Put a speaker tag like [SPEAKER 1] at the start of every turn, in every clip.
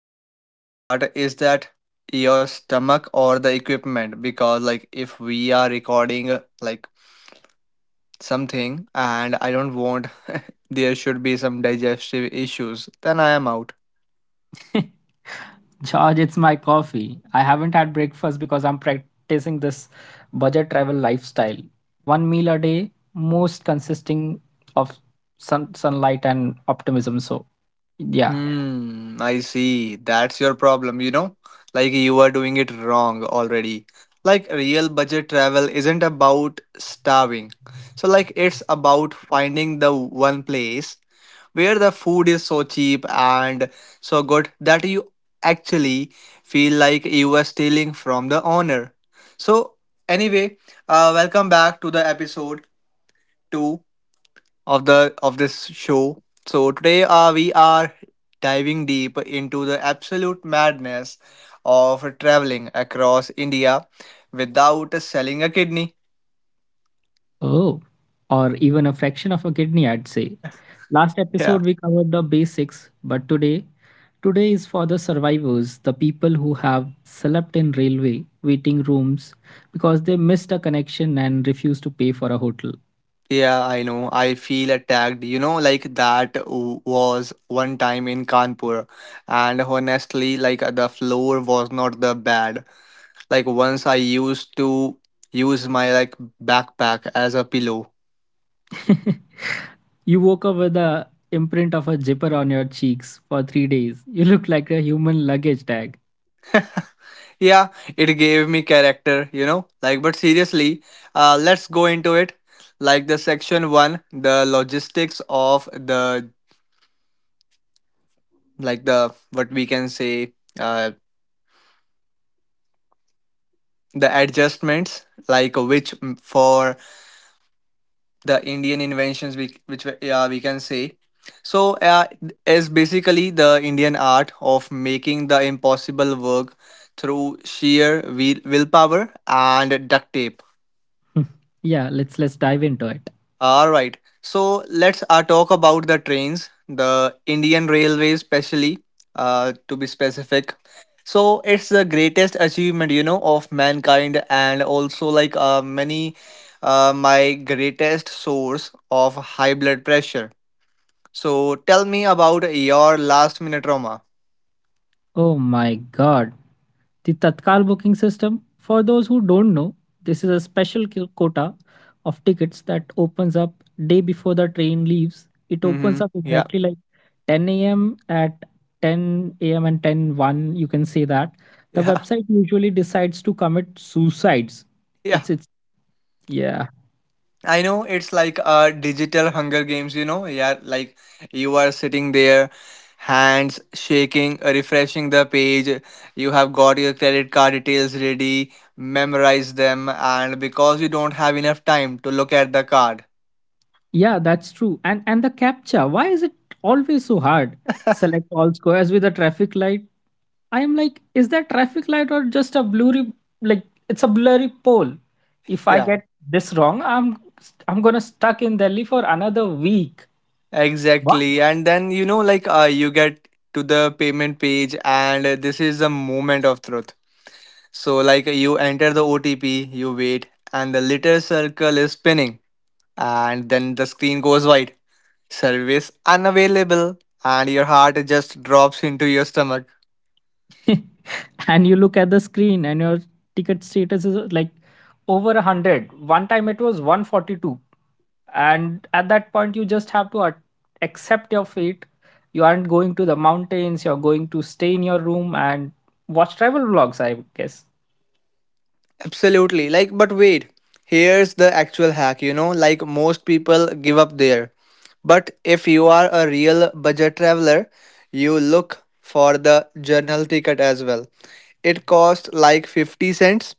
[SPEAKER 1] before we start, is that your stomach or the equipment? Because like if we are recording like something and I don't want there should be some digestive issues, then I am out.
[SPEAKER 2] George, it's my coffee. I haven't had breakfast because I'm practicing this budget travel lifestyle. One meal a day, most consisting of sunlight and optimism. So, yeah.
[SPEAKER 1] Hmm, I see. That's your problem, you know? Like you are doing it wrong already. Like real budget travel isn't about starving. So like it's about finding the one place where the food is so cheap and so good that you actually feel like you are stealing from the owner. So anyway, welcome back to the episode 2 of this show. So today we are diving deep into the absolute madness of traveling across India without selling a kidney.
[SPEAKER 2] Oh, or even a fraction of a kidney, I'd say. Last
[SPEAKER 1] Yeah.
[SPEAKER 2] episode, we covered the basics, but today is for the survivors, the people who have slept in railway waiting rooms because they missed a connection and refused to pay for a hotel.
[SPEAKER 1] Yeah, I know. I feel attacked. You know, like that was one time in Kanpur. And honestly, like the floor was not the bad. Like once I used to use my like backpack as a pillow.
[SPEAKER 2] You woke up with the imprint of a zipper on your cheeks for 3 days. You look like a human luggage tag.
[SPEAKER 1] Yeah, it gave me character, you know. Like, but seriously, let's go into it. Like the section one, the logistics of the like the what we can say, the adjustments, like which for the Indian inventions, yeah we can say. So, is basically the Indian art of making the impossible work through sheer willpower and duct tape.
[SPEAKER 2] Yeah, let's dive into it.
[SPEAKER 1] All right. So let's talk about the trains, the Indian Railways, specially to be specific. So it's the greatest achievement, you know, of mankind, and also like my greatest source of high blood pressure. So tell me about your last minute trauma.
[SPEAKER 2] Oh my God. The Tatkal booking system, for those who don't know, this is a special quota of tickets that opens up day before the train leaves. It
[SPEAKER 1] Mm-hmm.
[SPEAKER 2] opens up
[SPEAKER 1] Yeah.
[SPEAKER 2] exactly like 10 a.m., at 10 a.m. and ten one, you can say that. The
[SPEAKER 1] Yeah.
[SPEAKER 2] website usually decides to commit suicides.
[SPEAKER 1] Yeah.
[SPEAKER 2] It's yeah.
[SPEAKER 1] I know it's like a digital Hunger Games, you know? Yeah, like you are sitting there, hands shaking, refreshing the page. You have got your credit card details ready, memorize them, and because you don't have enough time to look at the card.
[SPEAKER 2] Yeah, that's true. And the captcha, why is it always so hard? Select all squares with a traffic light. I am like, is that traffic light or just a blurry like it's a blurry pole? If I
[SPEAKER 1] Yeah,
[SPEAKER 2] get this wrong, I'm gonna stuck in Delhi for another week.
[SPEAKER 1] exactly. And then, you know, like you get to the payment page, and this is the moment of truth. So, like you enter the OTP, you wait, and the little circle is spinning, and then the screen goes white. Service unavailable, and your heart just drops into your stomach.
[SPEAKER 2] and you look at the screen and your ticket status is like over 100. One time it was 142. And at that point, you just have to accept your fate. You aren't going to the mountains, you're going to stay in your room and watch travel vlogs, I guess.
[SPEAKER 1] Absolutely. Like, but wait, here's the actual hack, you know, like most people give up there. But if you are a real budget traveler, you look for the journal ticket as well. It costs like 50 cents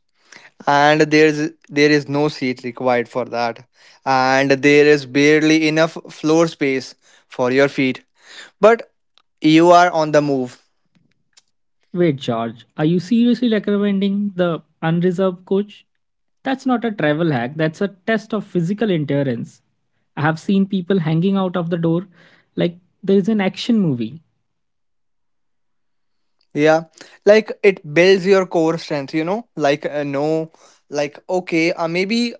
[SPEAKER 1] and there is no seat required for that. And there is barely enough floor space for your feet. But you are on the move.
[SPEAKER 2] Wait, George, are you seriously recommending the unreserved coach? That's not a travel hack, that's a test of physical endurance. I have seen people hanging out of the door like there is an action movie.
[SPEAKER 1] Yeah, like it builds your core strength, you know, like no, like okay, maybe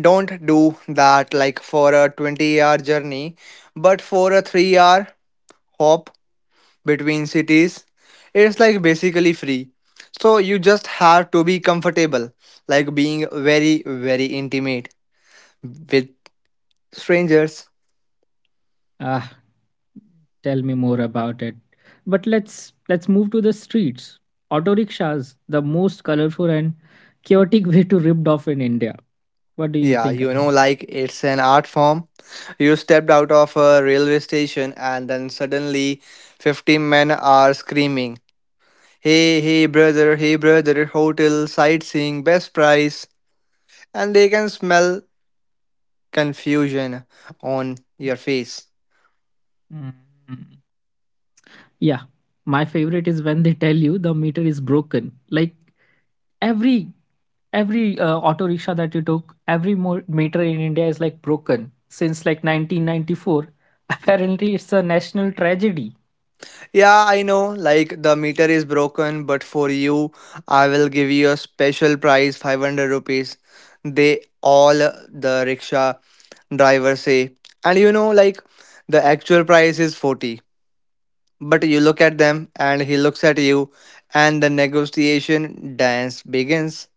[SPEAKER 1] don't do that like for a 20-hour journey, but for a 3-hour hop between cities, it's like basically free. So you just have to be comfortable, like being very, very intimate with strangers.
[SPEAKER 2] Ah, tell me more about it. But let's move to the streets. Auto rickshaws, the most colorful and chaotic way to ripped off in India. What do you
[SPEAKER 1] Yeah,
[SPEAKER 2] think
[SPEAKER 1] you
[SPEAKER 2] about
[SPEAKER 1] know,
[SPEAKER 2] it?
[SPEAKER 1] like it's an art form. You stepped out of a railway station and then suddenly 15 men are screaming, hey, hey, brother, hotel, sightseeing, best price. And they can smell confusion on your face.
[SPEAKER 2] Mm. Yeah, my favorite is when they tell you the meter is broken. Like every every auto rickshaw that you took, every meter in India is like broken since like 1994. Apparently, it's a national tragedy.
[SPEAKER 1] Yeah, I know. Like the meter is broken, but for you, I will give you a special price, 500 rupees. They all the rickshaw driver say. And you know, like the actual price is 40. But you look at them and he looks at you and the negotiation dance begins.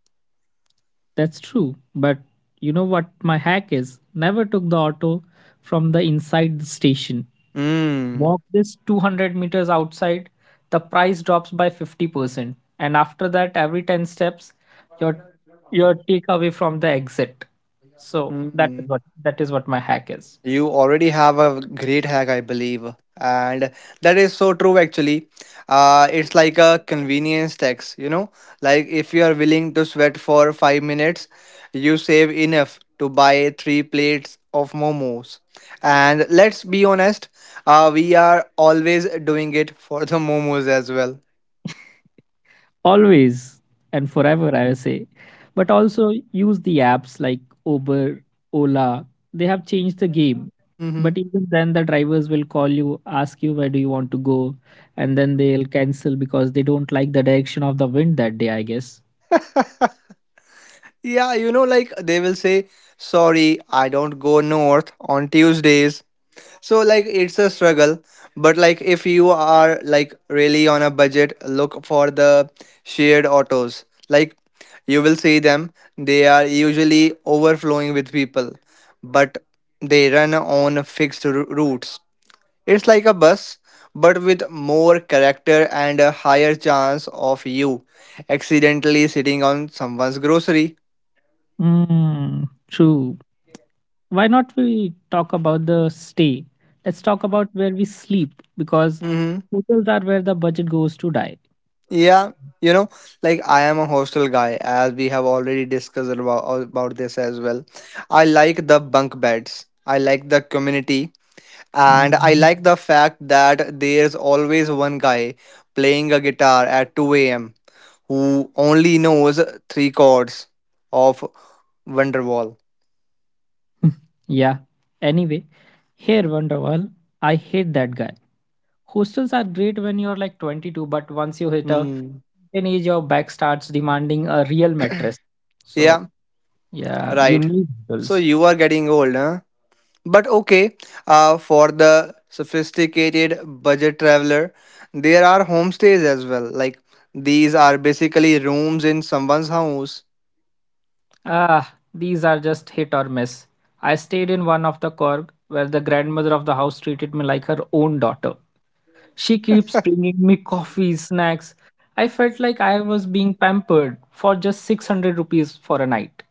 [SPEAKER 2] That's true. But you know what my hack is? Never took the auto from the inside the station.
[SPEAKER 1] Mm.
[SPEAKER 2] Walk this 200 meters outside, the price drops by 50%. And after that, every 10 steps, your your takeaway from the exit. So that is
[SPEAKER 1] Mm.
[SPEAKER 2] what that is what my hack is.
[SPEAKER 1] You already have a great hack, I believe. And that is so true, actually. It's like a convenience tax, you know? Like, if you are willing to sweat for 5 minutes, you save enough to buy three plates of momos. And let's be honest, we are always doing it for the momos as well.
[SPEAKER 2] Always and forever, I say. But also use the apps like Uber, Ola. They have changed the game.
[SPEAKER 1] Mm-hmm.
[SPEAKER 2] But even then, the drivers will call you, ask you where do you want to go, and then they'll cancel because they don't like the direction of the wind that day, I guess.
[SPEAKER 1] Yeah, you know, like they will say, sorry, I don't go north on Tuesdays. So like it's a struggle, but like if you are like really on a budget, look for the shared autos. Like you will see them. They are usually overflowing with people, but they run on fixed routes. It's like a bus, but with more character and a higher chance of you accidentally sitting on someone's grocery.
[SPEAKER 2] Mm, true. Why not we talk about the stay? Let's talk about where we sleep, because
[SPEAKER 1] Mm-hmm.
[SPEAKER 2] hotels are where the budget goes to die.
[SPEAKER 1] Yeah, you know, like I am a hostel guy, as we have already discussed about this as well. I like the bunk beds, I like the community, and I
[SPEAKER 2] Mhm.
[SPEAKER 1] like the fact that there's always one guy playing a guitar at 2 a.m. who only knows three chords of Wonderwall.
[SPEAKER 2] Yeah. Anyway, here, Wonderwall, I hate that guy. Hostels are great when you're like 22, but once you hit a
[SPEAKER 1] Hmm.
[SPEAKER 2] certain age, your back starts demanding a real mattress. So,
[SPEAKER 1] Yeah,
[SPEAKER 2] yeah, you
[SPEAKER 1] right.
[SPEAKER 2] need
[SPEAKER 1] So
[SPEAKER 2] bills.
[SPEAKER 1] you are getting old, huh? But okay, for the sophisticated budget traveler, there are homestays as well. Like these are basically rooms in someone's house.
[SPEAKER 2] Ah, these are just hit or miss. I stayed in one of the Korg where the grandmother of the house treated me like her own daughter. She keeps bringing me coffee, snacks. I felt like I was being pampered for just 600 rupees for a night.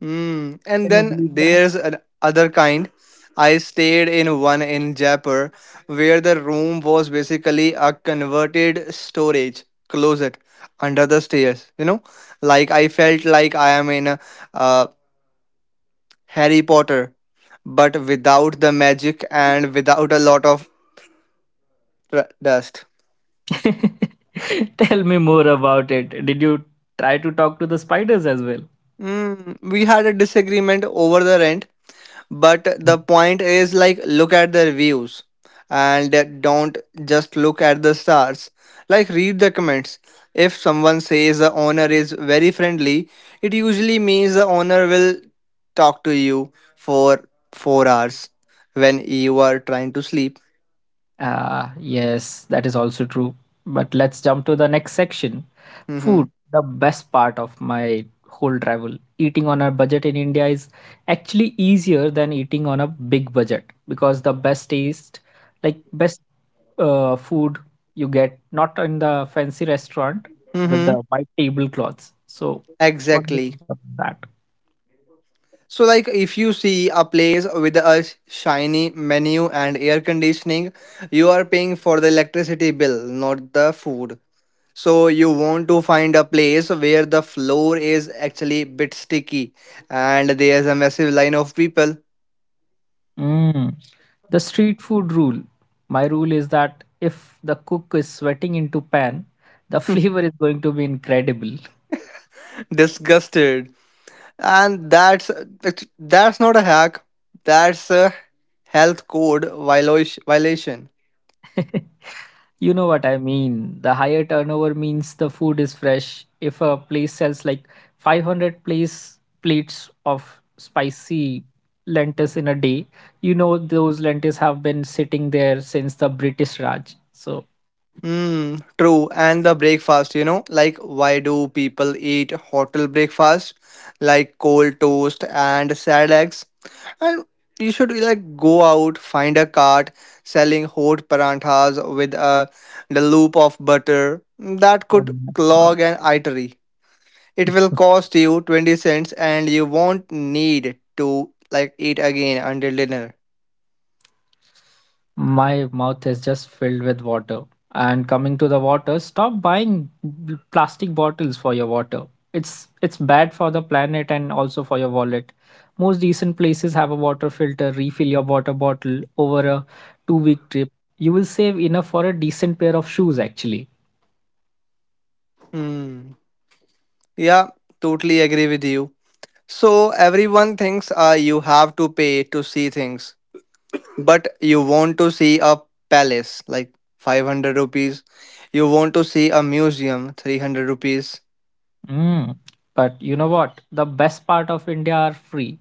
[SPEAKER 1] Hmm. And
[SPEAKER 2] Can you
[SPEAKER 1] then
[SPEAKER 2] believe?
[SPEAKER 1] there's an other kind. I stayed in one in Jaipur where the room was basically a converted storage closet under the stairs. You know, like I felt like I am in a, uh, Harry Potter, but without the magic and without a lot of dust.
[SPEAKER 2] Tell me more about it. Did you try to talk to the spiders as well?
[SPEAKER 1] Mm, we had a disagreement over the rent, but the point is like look at the reviews and don't just look at the stars. Like read the comments. If someone says the owner is very friendly, it usually means the owner will talk to you for 4 hours when you are trying to sleep.
[SPEAKER 2] Ah, yes, that is also true. But let's jump to the next section. Food,
[SPEAKER 1] Mhm.
[SPEAKER 2] the best part of my whole travel. Eating on a budget in India is actually easier than eating on a big budget, because the best taste, like best food you get not in the fancy restaurant with the
[SPEAKER 1] Mhm.
[SPEAKER 2] white tablecloths. So, what do you
[SPEAKER 1] Exactly.
[SPEAKER 2] think about that?
[SPEAKER 1] So, like, if you see a place with a shiny menu and air conditioning, you are paying for the electricity bill, not the food. So, you want to find a place where the floor is actually bit sticky and there's a massive line of people.
[SPEAKER 2] Mm. The street food rule. My rule is that if the cook is sweating into pan, the flavor is going to be incredible.
[SPEAKER 1] Disgusted. And that's not a hack, that's a health code violation.
[SPEAKER 2] You know what I mean. The higher turnover means the food is fresh. If a place sells like 500 place plates of spicy lentils in a day, you know those lentils have been sitting there since the British Raj. So,
[SPEAKER 1] Mm, true. And the breakfast, you know, like why do people eat hotel breakfast like cold toast and sad eggs? And you should like go out, find a cart selling hot paranthas with a the loop of butter that
[SPEAKER 2] oh
[SPEAKER 1] could
[SPEAKER 2] my God.
[SPEAKER 1] clog an artery. It will cost you 20 cents and you won't need to like eat again until dinner.
[SPEAKER 2] My mouth is just filled with water. And coming to the water, stop buying plastic bottles for your water. It's bad for the planet and also for your wallet. Most decent places have a water filter. Refill your water bottle over a 2-week trip. You will save enough for a decent pair of shoes, actually.
[SPEAKER 1] Hmm. Yeah, totally agree with you. So everyone thinks you have to pay to see things, but you want to see a palace like 500 rupees. You want to see a museum 300 rupees.
[SPEAKER 2] Mm. But you know what? The best part of India are free.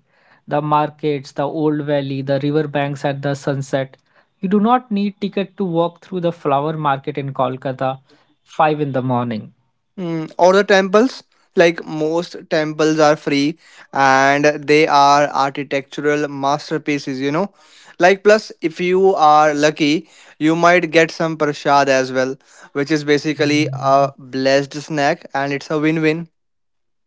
[SPEAKER 2] The markets, the old valley, the riverbanks at the sunset. You do not need ticket to walk through the flower market in Kolkata 5 in the morning.
[SPEAKER 1] Mm, or the temples like most temples are free and they are architectural masterpieces, you know. Like plus if you are lucky, you might get some prasad as well, which is basically a blessed snack and it's a win-win.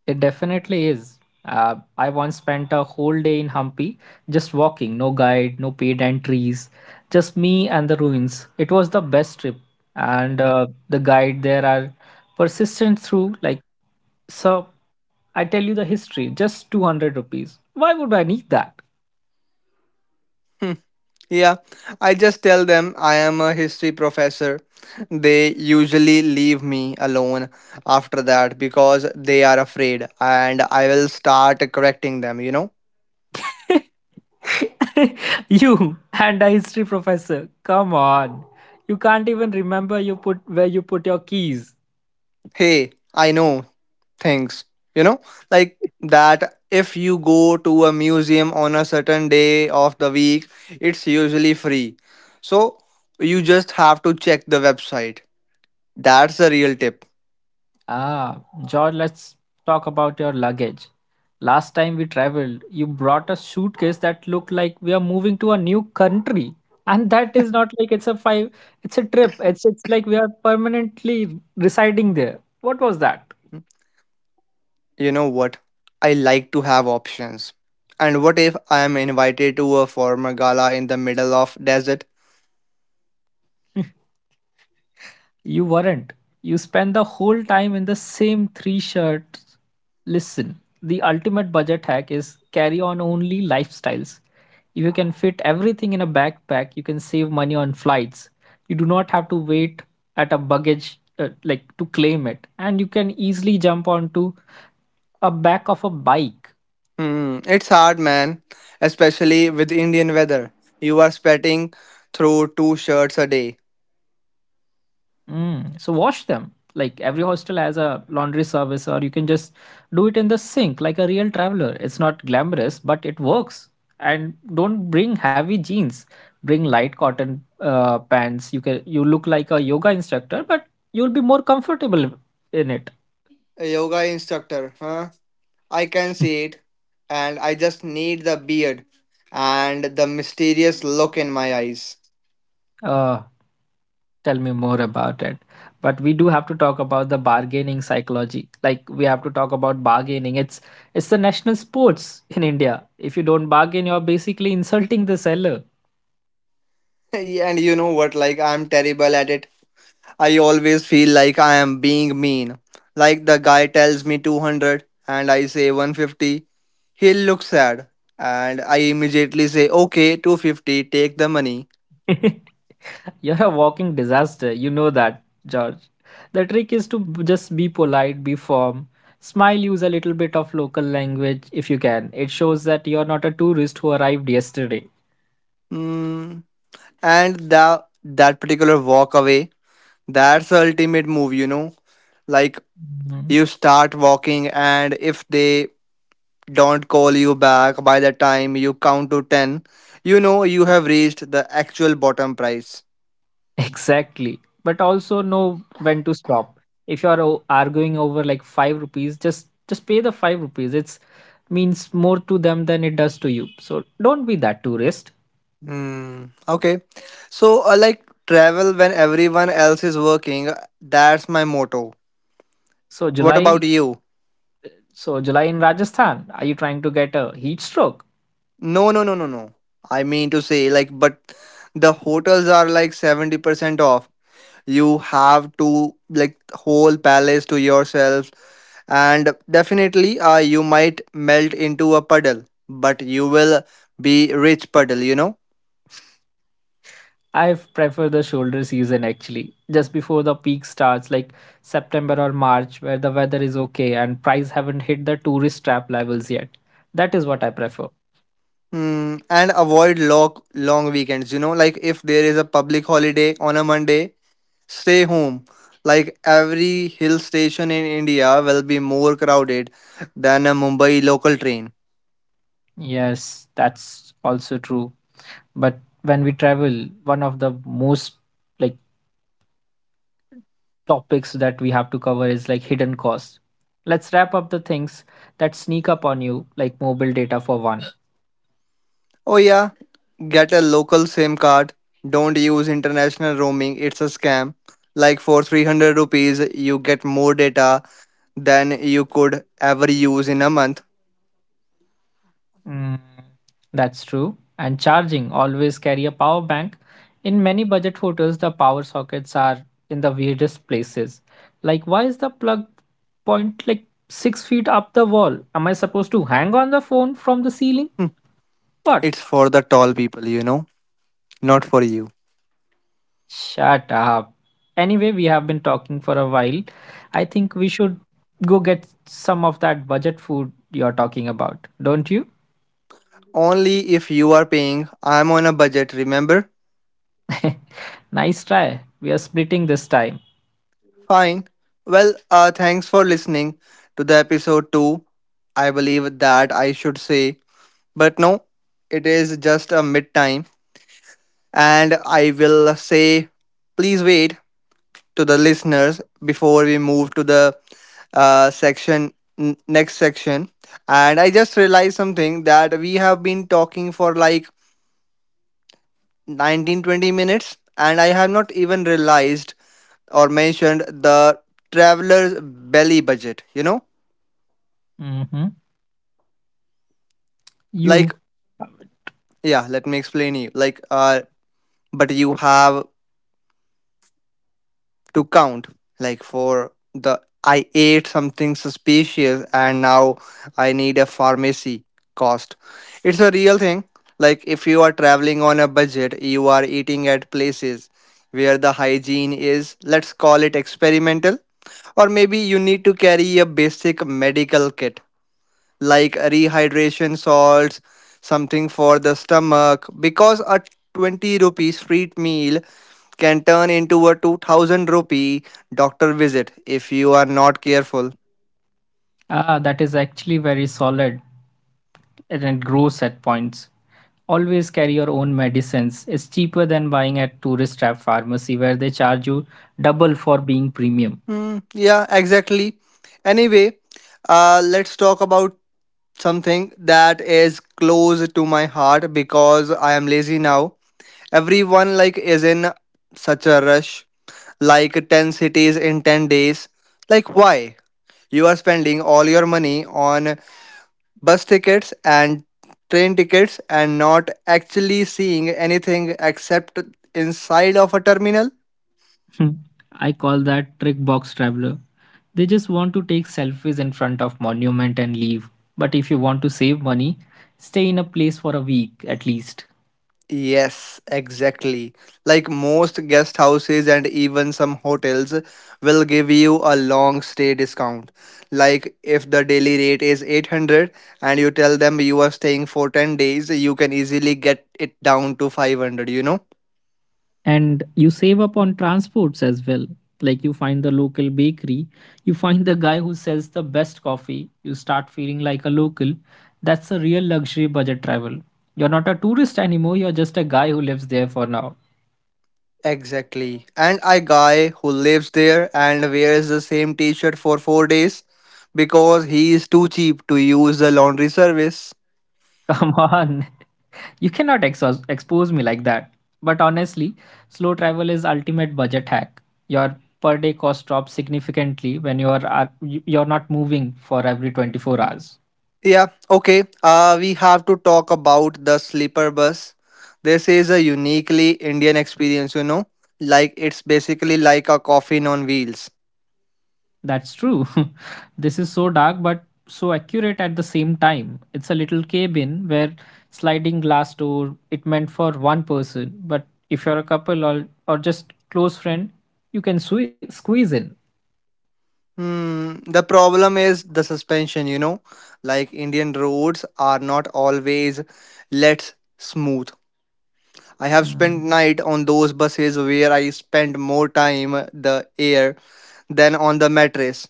[SPEAKER 2] It definitely is. I once spent a whole day in Hampi, just walking, no guide, no paid entries, just me and the ruins. It was the best trip. And the guide there are persistent through, like, so I tell you the history, just 200 rupees. Why would I need that?
[SPEAKER 1] Hmm. Yeah, I just tell them I am a history professor. They usually leave me alone after that because they are afraid, and I will start correcting them, you know.
[SPEAKER 2] You and a history professor, come on. You can't even remember you put where you put your keys.
[SPEAKER 1] Hey, I know things, you know, like that. If you go to a museum on a certain day of the week, it's usually free. So you just have to check the website. That's the real tip.
[SPEAKER 2] Ah, George, let's talk about your luggage. Last time we traveled, you brought a suitcase that looked like we are moving to a new country. And that is not like it's a trip. It's like we are permanently residing there. What was that?
[SPEAKER 1] You know what? I like to have options. And what if I am invited to a formal gala in the middle of desert?
[SPEAKER 2] You weren't. You spent the whole time in the same three shirts. Listen, the ultimate budget hack is carry on only lifestyles. If you can fit everything in a backpack, you can save money on flights. You do not have to wait at a baggage like to claim it, and you can easily jump onto a back of a bike.
[SPEAKER 1] Hmm, it's hard, man. Especially with Indian weather. You are sweating through two shirts a day.
[SPEAKER 2] Mm. So wash them. Like every hostel has a laundry service, or you can just do it in the sink like a real traveler. It's not glamorous, but it works. And don't bring heavy jeans. Bring light cotton pants. You can you look like a yoga instructor, but you'll be more comfortable in it.
[SPEAKER 1] A yoga instructor, huh? I can see it. And I just need the beard and the mysterious look in my eyes.
[SPEAKER 2] Uh, Tell me more about it. But we do have to talk about the bargaining psychology. Like we have to talk about bargaining. It's the national sports in India. If you don't bargain, you're basically insulting the seller.
[SPEAKER 1] And you know what? Like, I'm terrible at it. I always feel like I am being mean. Like the guy tells me 200 and I say 150. He looks sad and I immediately say, okay, 250, take the money.
[SPEAKER 2] You're a walking disaster. You know that, George. The trick is to just be polite, be firm, smile, use a little bit of local language if you can. It shows that you're not a tourist who arrived yesterday.
[SPEAKER 1] Mm. And that particular walk away, that's the ultimate move, you know? Like
[SPEAKER 2] Mhm.
[SPEAKER 1] you start walking and if they don't call you back by the time you count to 10, you know you have reached the actual bottom price.
[SPEAKER 2] Exactly. But also know when to stop. If you are arguing over like 5 rupees, just pay the 5 rupees. It's means more to them than it does to you. So don't be that tourist.
[SPEAKER 1] Hmm. Okay. So, like travel when everyone else is working, that's my motto.
[SPEAKER 2] So
[SPEAKER 1] What about
[SPEAKER 2] July
[SPEAKER 1] you?
[SPEAKER 2] so July in Rajasthan, are you trying to get a heat stroke?
[SPEAKER 1] No, no, no, no, no. I mean to say, like, but the hotels are like 70% off. You have to, like, whole palace to yourself. And definitely, you might melt into a puddle, but you will be rich puddle, you know?
[SPEAKER 2] I prefer the shoulder season, actually, just before the peak starts, like September or March, where the weather is okay and price haven't hit the tourist trap levels yet. That is what I prefer.
[SPEAKER 1] Hmm. And avoid long, long weekends, you know? Like, if there is a public holiday on a Monday, stay home. Like every hill station in India will be more crowded than a Mumbai local train.
[SPEAKER 2] Yes, that's also true. But when we travel, one of the most, like, topics that we have to cover is, like, hidden costs. Let's wrap up the things that sneak up on you, like mobile data, for one.
[SPEAKER 1] Oh, yeah, get a local SIM card. Don't use international roaming, it's a scam. Like for 300 rupees, you get more data than you could ever use in a month.
[SPEAKER 2] Mm, that's true. And charging, always carry a power bank. In many budget hotels, the power sockets are in the weirdest places. Like, why is the plug point like 6 feet up the wall? Am I supposed to hang on the phone from the ceiling? What?
[SPEAKER 1] It's for the tall people, you know, not for you.
[SPEAKER 2] Shut up. Anyway, we have been talking for a while. I think we should go get some of that budget food you're talking about, don't you?
[SPEAKER 1] Only if you are paying. I'm on a budget, remember?
[SPEAKER 2] Nice try. We are splitting this time.
[SPEAKER 1] Fine. Well, thanks for listening to the episode 2. I believe that I should say, but no, it is just a mid time. And I will say, please wait to the listeners before we move to the uh, section, next section. And I just realized something that we have been talking for like 19 20 minutes, and I have not even realized or mentioned the traveler's belly budget.
[SPEAKER 2] Hmm. You.
[SPEAKER 1] like yeah, let me explain you, but you have to count, like, for the I ate something suspicious and now I need a pharmacy cost. It's a real thing. Like, if you are traveling on a budget, you are eating at places where the hygiene is, let's call it, experimental. Or maybe you need to carry a basic medical kit like rehydration salts, something for the stomach, because a 20 rupee street meal can turn into a 2000 rupee doctor visit if you are not careful.
[SPEAKER 2] Ah, that is actually very solid and it grows at points. Always carry your own medicines. It's cheaper than buying at tourist trap pharmacy where they charge you double for being premium.
[SPEAKER 1] Hmm, yeah, exactly. Anyway, let's talk about something that is close to my heart because I am lazy now. Everyone like is in such a rush, like 10 cities in 10 days. Like, why? You are spending all your money on bus tickets and train tickets and not actually seeing anything except inside of a terminal?
[SPEAKER 2] I call that trick box traveler. They just want to take selfies in front of monument and leave. But if you want to save money, stay in a place for a week at least.
[SPEAKER 1] Yes, exactly. Like, most guest houses and even some hotels will give you a long stay discount. Like, if the daily rate is 800 and you tell them you are staying for 10 days, you can easily get it down to 500, you know?
[SPEAKER 2] And you save up on transports as well. Like, you find the local bakery, you find the guy who sells the best coffee, you start feeling like a local. That's a real luxury budget travel. You're not a tourist anymore, you're just a guy who lives there for now.
[SPEAKER 1] Exactly. And I guy who lives there and wears the same t-shirt for 4 days because he is too cheap to use the laundry service.
[SPEAKER 2] Come on. You cannot expose me like that. But honestly, slow travel is ultimate budget hack. Your per day cost drops significantly when you you're not moving for every 24 hours.
[SPEAKER 1] Yeah, okay. We have to talk about the sleeper bus. This is a uniquely Indian experience, you know. Like, it's basically like a coffin on wheels.
[SPEAKER 2] That's true. This is so dark but so accurate at the same time. It's a little cabin where sliding glass door it meant for one person, but if you're a couple or just close friend, you can squeeze in.
[SPEAKER 1] Hmm, the problem is the suspension, you know. Like, Indian roads are not always, let's, smooth. I have
[SPEAKER 2] Mm.
[SPEAKER 1] spent night on those buses where I spent more time the air than on the mattress.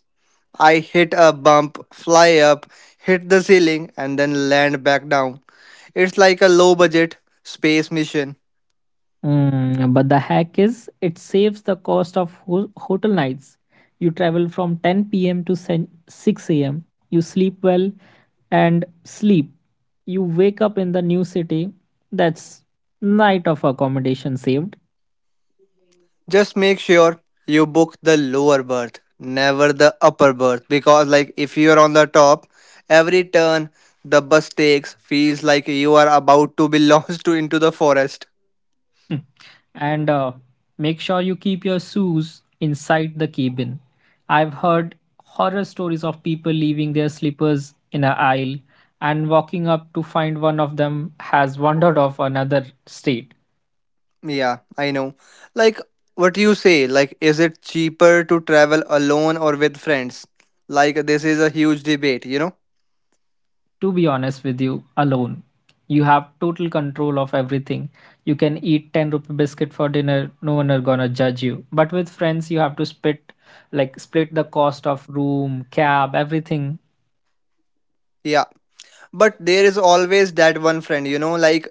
[SPEAKER 1] I hit a bump, fly up, hit the ceiling, and then land back down. It's like a low budget space mission.
[SPEAKER 2] But the hack is it saves the cost of hotel nights. You travel from 10 p.m. to 6 a.m. You sleep well and sleep. You wake up in the new city. That's night of accommodation saved.
[SPEAKER 1] Just make sure you book the lower berth, never the upper berth, because like if you are on the top, every turn the bus takes feels like you are about to be launched into the forest.
[SPEAKER 2] Hmm. And make sure you keep your shoes inside the cabin. I've heard horror stories of people leaving their slippers in a aisle and walking up to find one of them has wandered off another state.
[SPEAKER 1] Yeah, I know. Like, what do you say? Like, is it cheaper to travel alone or with friends? Like, this is a huge debate, you know?
[SPEAKER 2] To be honest with you, alone. You have total control of everything. You can eat 10 rupee biscuit for dinner, no one are gonna judge you. But with friends you have to split the cost of room, cab, everything.
[SPEAKER 1] Yeah. But there is always that one friend, you know? Like,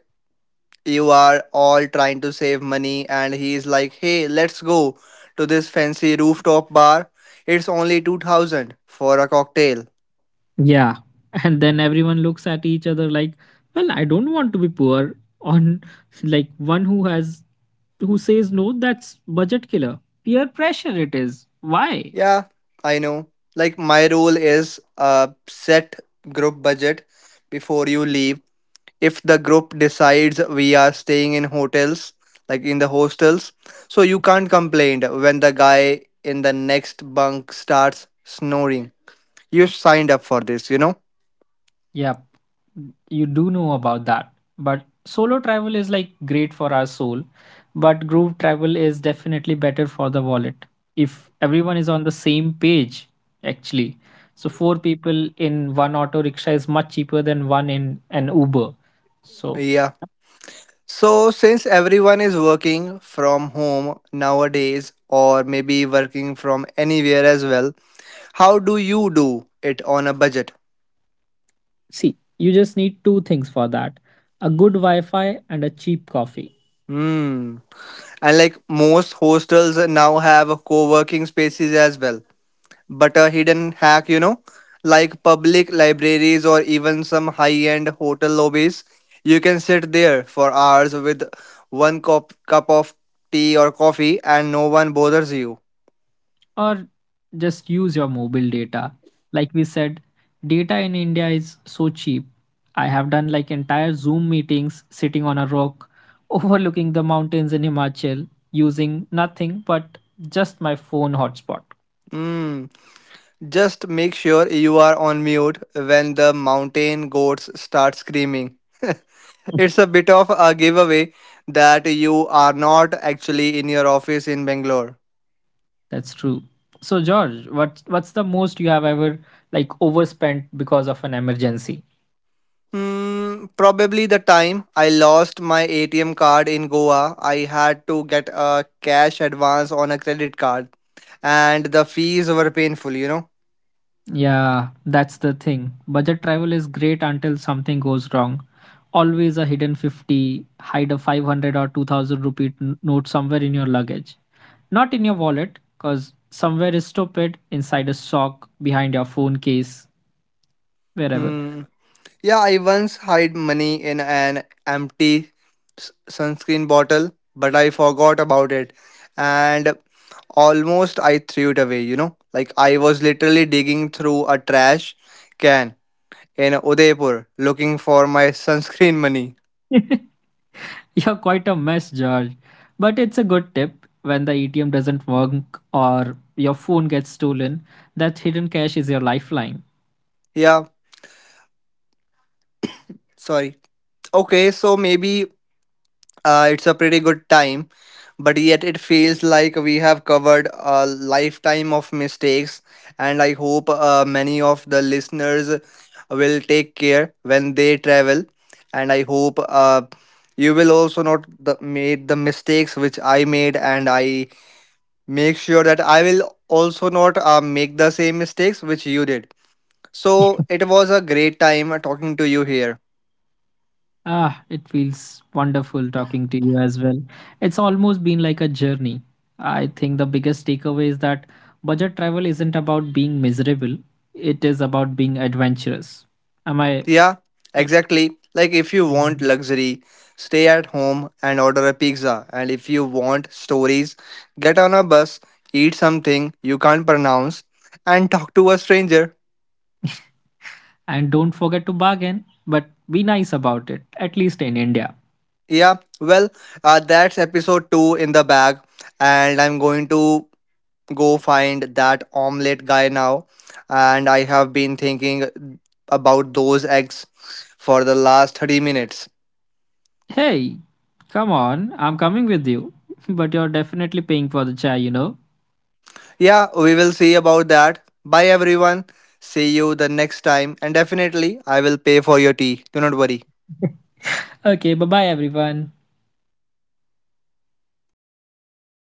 [SPEAKER 1] you are all trying to save money, and he's like, hey, let's go to this fancy rooftop bar. It's only 2000 for a cocktail.
[SPEAKER 2] Yeah. And then everyone looks at each other like, well, I don't want to be poor on like one who says no, that's budget killer. Peer pressure it is. Why?
[SPEAKER 1] Yeah, I know. Like, my rule is, set group budget before you leave. If the group decides we are staying in hotels, like in the hostels, so you can't complain when the guy in the next bunk starts snoring. You signed up for this, you know.
[SPEAKER 2] Yep, you do know about that. But solo travel is like great for our soul, but group travel is definitely better for the wallet. If everyone is on the same page, actually. So four people in one auto rickshaw is much cheaper than one in an Uber. So,
[SPEAKER 1] Yeah, so since everyone is working from home nowadays, or maybe working from anywhere as well, how do you do it on a budget?
[SPEAKER 2] see, you just need two things for that: a good Wi Fi and a cheap coffee.
[SPEAKER 1] Hmm. And like most hostels now have co-working spaces as well, but a hidden hack, you know, like public libraries or even some high end hotel lobbies. You can sit there for hours with one cup of tea or coffee and no one bothers you.
[SPEAKER 2] Or just use your mobile data. Like we said, data in India is so cheap. I have done like entire Zoom meetings sitting on a rock, overlooking the mountains in Himachal, using nothing but just my phone hotspot.
[SPEAKER 1] Mm. Just make sure you are on mute when the mountain goats start screaming. It's a bit of a giveaway that you are not actually in your office in Bangalore.
[SPEAKER 2] That's true. So George, what's the most you have ever like overspent because of an emergency?
[SPEAKER 1] Hmm, probably the time I lost my ATM card in Goa. I had to get a cash advance on a credit card, and the fees were painful, you know.
[SPEAKER 2] Yeah, that's the thing. Budget travel is great until something goes wrong. Always a hidden 50, hide a 500 or 2000 rupee note somewhere in your luggage. Not in your wallet, because somewhere is stupid, inside a sock, behind your phone case, wherever.
[SPEAKER 1] Hmm. Yeah, I once hid money in an empty sunscreen bottle, but I forgot about it, and almost I threw it away, you know. Like, I was literally digging through a trash can in Udaipur looking for my sunscreen money.
[SPEAKER 2] You're quite a mess, George. But it's a good tip. When the ATM doesn't work or your phone gets stolen, that hidden cash is your lifeline.
[SPEAKER 1] Yeah, sorry. Okay, so maybe it's a pretty good time, but yet it feels like we have covered a lifetime of mistakes, and I hope many of the listeners will take care when they travel, and I hope you will also not the, made the mistakes which I made, and I make sure that I will also not make the same mistakes which you did. So it was a great time talking to you here.
[SPEAKER 2] Ah, it feels wonderful talking to you as well. It's almost been like a journey. I think the biggest takeaway is that budget travel isn't about being miserable, it is about being adventurous. Am I
[SPEAKER 1] Yeah,
[SPEAKER 2] right?
[SPEAKER 1] exactly. Like, if you want luxury, stay at home and order a pizza. And if you want stories, get on a bus, eat something you can't pronounce, and talk to a stranger.
[SPEAKER 2] And don't forget to bargain, but be nice about it, at least in India.
[SPEAKER 1] Yeah, well, that's episode 2 in the bag. And I'm going to go find that omelette guy now. And I have been thinking about those eggs for the last 30 minutes.
[SPEAKER 2] Hey, come on, I'm coming with you, but you're definitely paying for the chai, you know?
[SPEAKER 1] Yeah, we will see about that. Bye, everyone. See you the next time. And definitely, I will pay for your tea. Do not worry.
[SPEAKER 2] Okay, bye bye, everyone.